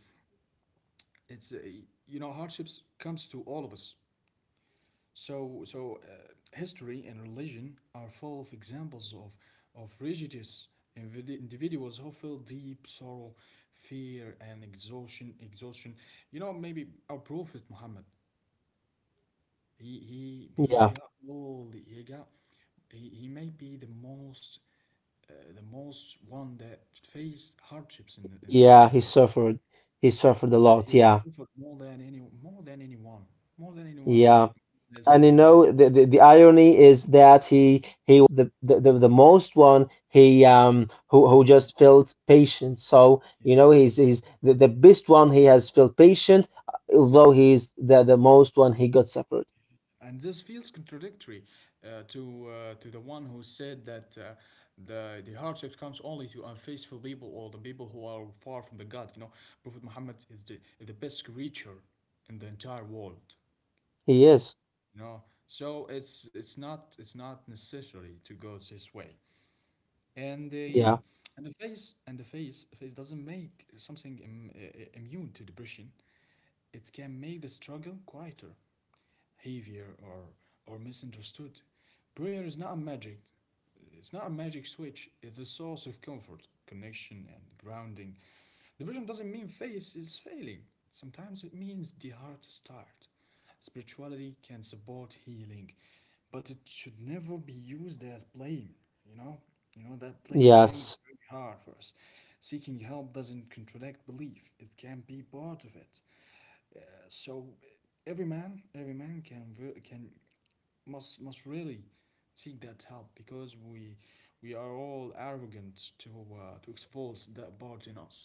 It's you know, hardships comes to all of us. So history and religion are full of examples of religious individuals who feel deep sorrow, fear, and exhaustion. Exhaustion. You know, maybe our prophet Muhammad. He he yeah, he got he got, he may be the most, the most one that faced hardships in, yeah. in He their. suffered. He suffered a Yeah, lot. he Yeah, suffered more than any, more than anyone yeah. Else And in you the world. know, the irony is that he the most one he who Yeah, just felt patient. So yeah, you know, yeah. he's Yeah. he's the best one. He has felt patient, although he's the most one. He got suffered. And this feels contradictory, to the one who said that, the hardship comes only to unfaithful people or the people who are far from the God. You know, Prophet Muhammad is the best creature in the entire world. He is. You know, so it's not it's not necessary to go this way. And they, Yeah. and the face, face doesn't make something immune to depression. It can make the struggle quieter, behavior or misunderstood. Prayer is not a magic. It's not a magic switch. It's a source of comfort, connection, and grounding. Depression doesn't mean faith is failing. Sometimes it means the heart is tired. Spirituality can support healing, but it should never be used as blame. You know, you know that blame thing is Yes. very hard for us. Seeking help doesn't contradict belief. It can be part of it. So every man can can, must really seek that help, because we are all arrogant to, to expose that part in us.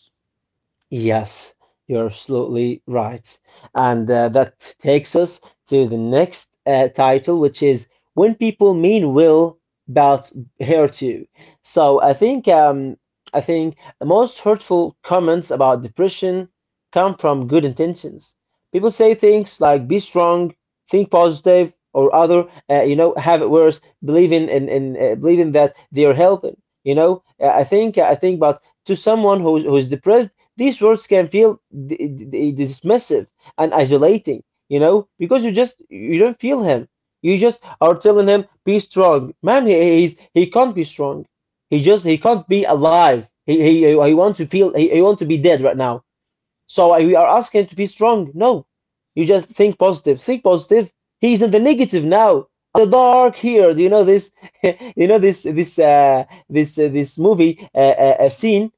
Yes, you're absolutely right. And that takes us to the next title, which is When People Mean Well About Her Too. So Yeah. I think the most hurtful comments about depression come from good intentions. People say things like be strong, think positive, or other, you know, have it worse, believing in believing that they are helping. You know, I think I think, but to someone who's depressed these words can feel d- d- dismissive and isolating, you know, because you don't feel him. You just are Mm. telling him be strong, man. He can't be strong. He just he can't be alive. He want to be dead right now. So Yeah. we are asking him to be strong. No, you just think positive. Think positive. He's in the negative now. The dark here. Do you know this? You know this Yeah. this movie How about you? Scene,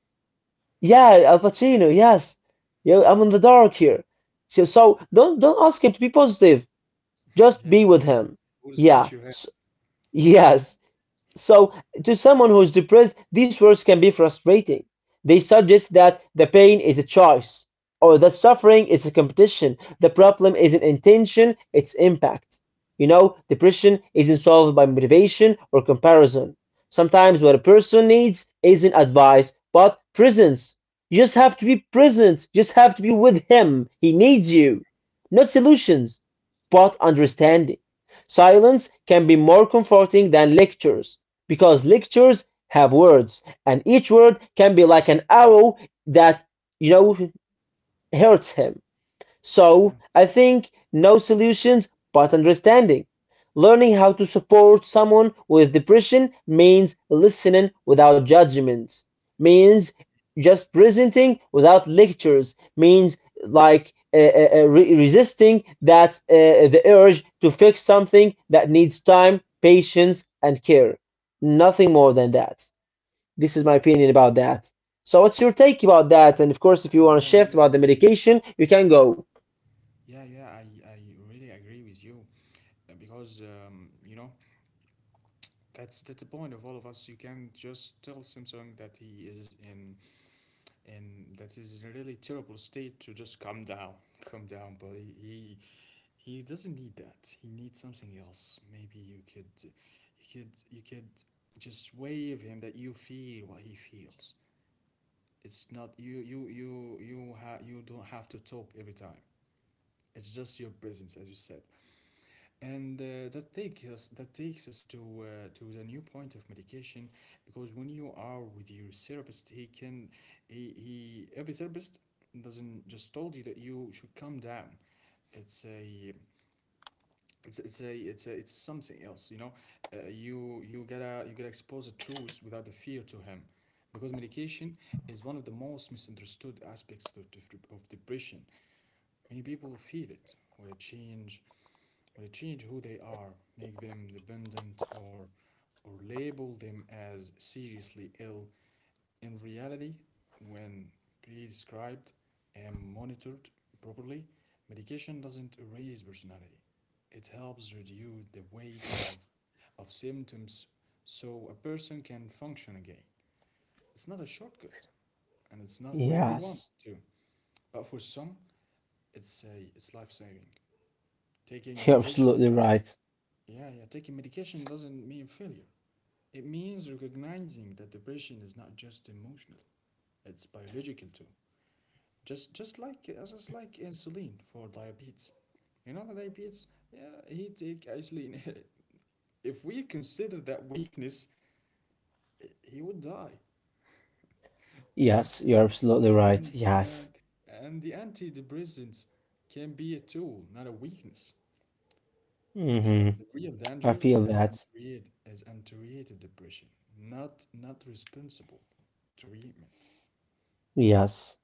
yeah, Al Pacino, yes. Yo, I'm in the dark here. So, don't don't ask him to be positive. Just Yeah. be with him. Would smash Yeah. your head. S yes. So, to someone who is depressed, these words can be frustrating. They suggest that the pain is a choice, or that suffering is a competition. The problem isn't intention, it's impact. You know, depression isn't solved by motivation or comparison. Sometimes what a person needs isn't advice, but presence. You just have to be present, you just have to be with him. He needs you. Not solutions, but understanding. Silence can be more comforting than lectures because lectures have words, and each word can be like an arrow that, you know, hurts him. Yeah. So I think no solutions but understanding. Learning how to support someone with depression means listening without judgment, means just presenting without lectures, means like resisting that the urge to fix something that needs time, patience, and care. Nothing more than that. This is my opinion about that. So, what's your take about that? And of course, if you Yeah. want to Yeah. shift Yeah. about the I'm agree. medication, you can go. Yeah. Yeah. I really agree with you, because you know, that's the point of all of us. You can't just tell Samsung that he is in, and that is a really terrible state to just calm down. Calm down, buddy. He he doesn't need that. He needs something else. Maybe you could just wave him that you feel what he feels. It's not, you don't have to talk every time. It's just your presence, as you said. And that takes us to, to the new point of medication. Because when you are with your therapist, he, every therapist doesn't just told you that you should calm down. It's a it's something else, you know. You gotta expose the truth without the fear to him, because medication is one of the most misunderstood aspects of depression. Many people fear it will change, they change who they are, make them dependent or label them as seriously ill. In reality, when prescribed and monitored properly, medication doesn't erase personality. It helps reduce the weight of symptoms, so a person can function again. It's not a shortcut, and it's not for everyone Yes, too. But for some, it's life saving. Taking you're medication absolutely doesn't. right. Yeah, yeah. Taking medication doesn't mean failure. It means recognizing that depression is not just emotional; it's biological too. Just like insulin for diabetes. You know the diabetes. Yeah, he take insulin. If we consider that weakness, he would die. You know, Yes, you're absolutely and right. and, Yes. and the antidepressant can be a tool, not a weakness. Uh, Hmm. the real I danger feel that. Is untreated depression, not responsible treatment. Yes.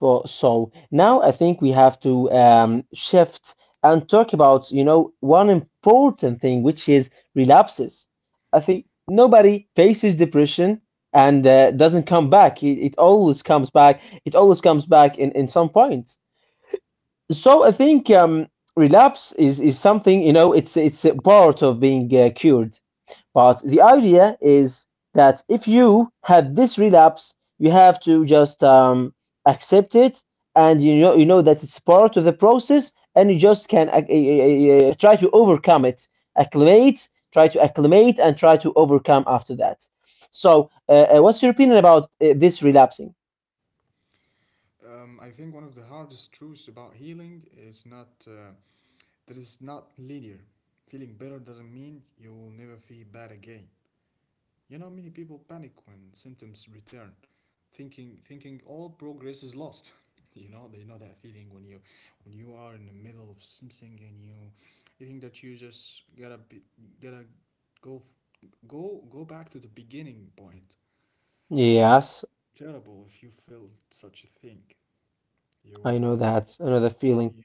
But so now I think we have to shift and talk about, you know, one important thing, which is relapses. I think nobody faces depression and doesn't come back. It always comes back. It always comes back in some point. So I think relapse is something, you know, it's a part of being cured. But the idea is that if you had this relapse, you have to just accept it, and you know that it's part of the process, and you just can try to overcome it, acclimate, try to acclimate, and try to overcome after that. So, what's your opinion about this relapsing? I think one of the hardest truths about healing is not that it's not linear. Feeling better doesn't mean you will never feel bad again. You know, many people panic when symptoms return, thinking all progress is lost. You know, they know that feeling when you, when you are in the middle of something and you think that you just gotta go f- go, go back to the beginning point. It's Yes, terrible if you feel such a thing. You I would, know uh, that. I know the feeling. you,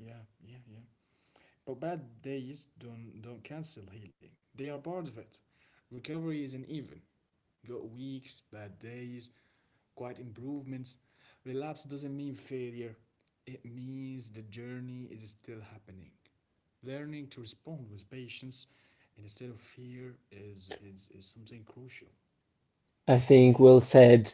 yeah, yeah, yeah. But bad days don't cancel healing, they are part of it. Recovery isn't even. Got weeks, bad days, quiet improvements. Relapse doesn't mean failure, it means the journey is still happening. Learning to respond with patience instead of fear is, is something crucial. I think Healing. well said,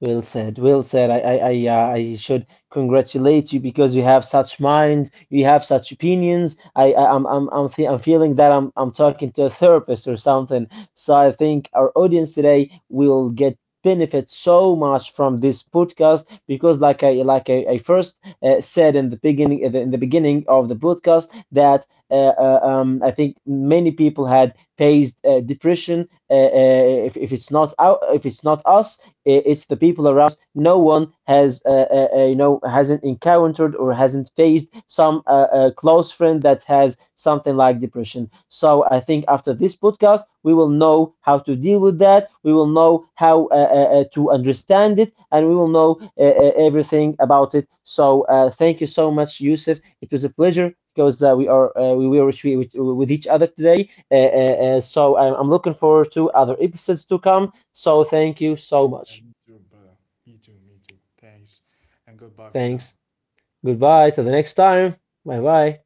well said. I should congratulate you because you have such mind, you have such opinions. I'm feeling that I'm talking to a therapist or something. So I think our audience today will get benefit so much from this podcast because, like I first said in the beginning of the podcast, that I think many people had faced depression if it's not out, if it's not us, it's the people around us. No one has, you know, hasn't encountered or hasn't faced some close friend that has something like depression. So I think after this podcast, we will know how to deal with that. We will know how to understand it, and we will know everything about it. So thank you so much, Yusuf. It was a pleasure because we were with each other today. So I'm looking forward to other episodes to come. So thank you so Yeah, much. me too, brother. Me too, me too. Thanks. And goodbye for now. Thanks. Goodbye. Till the next time. Bye bye.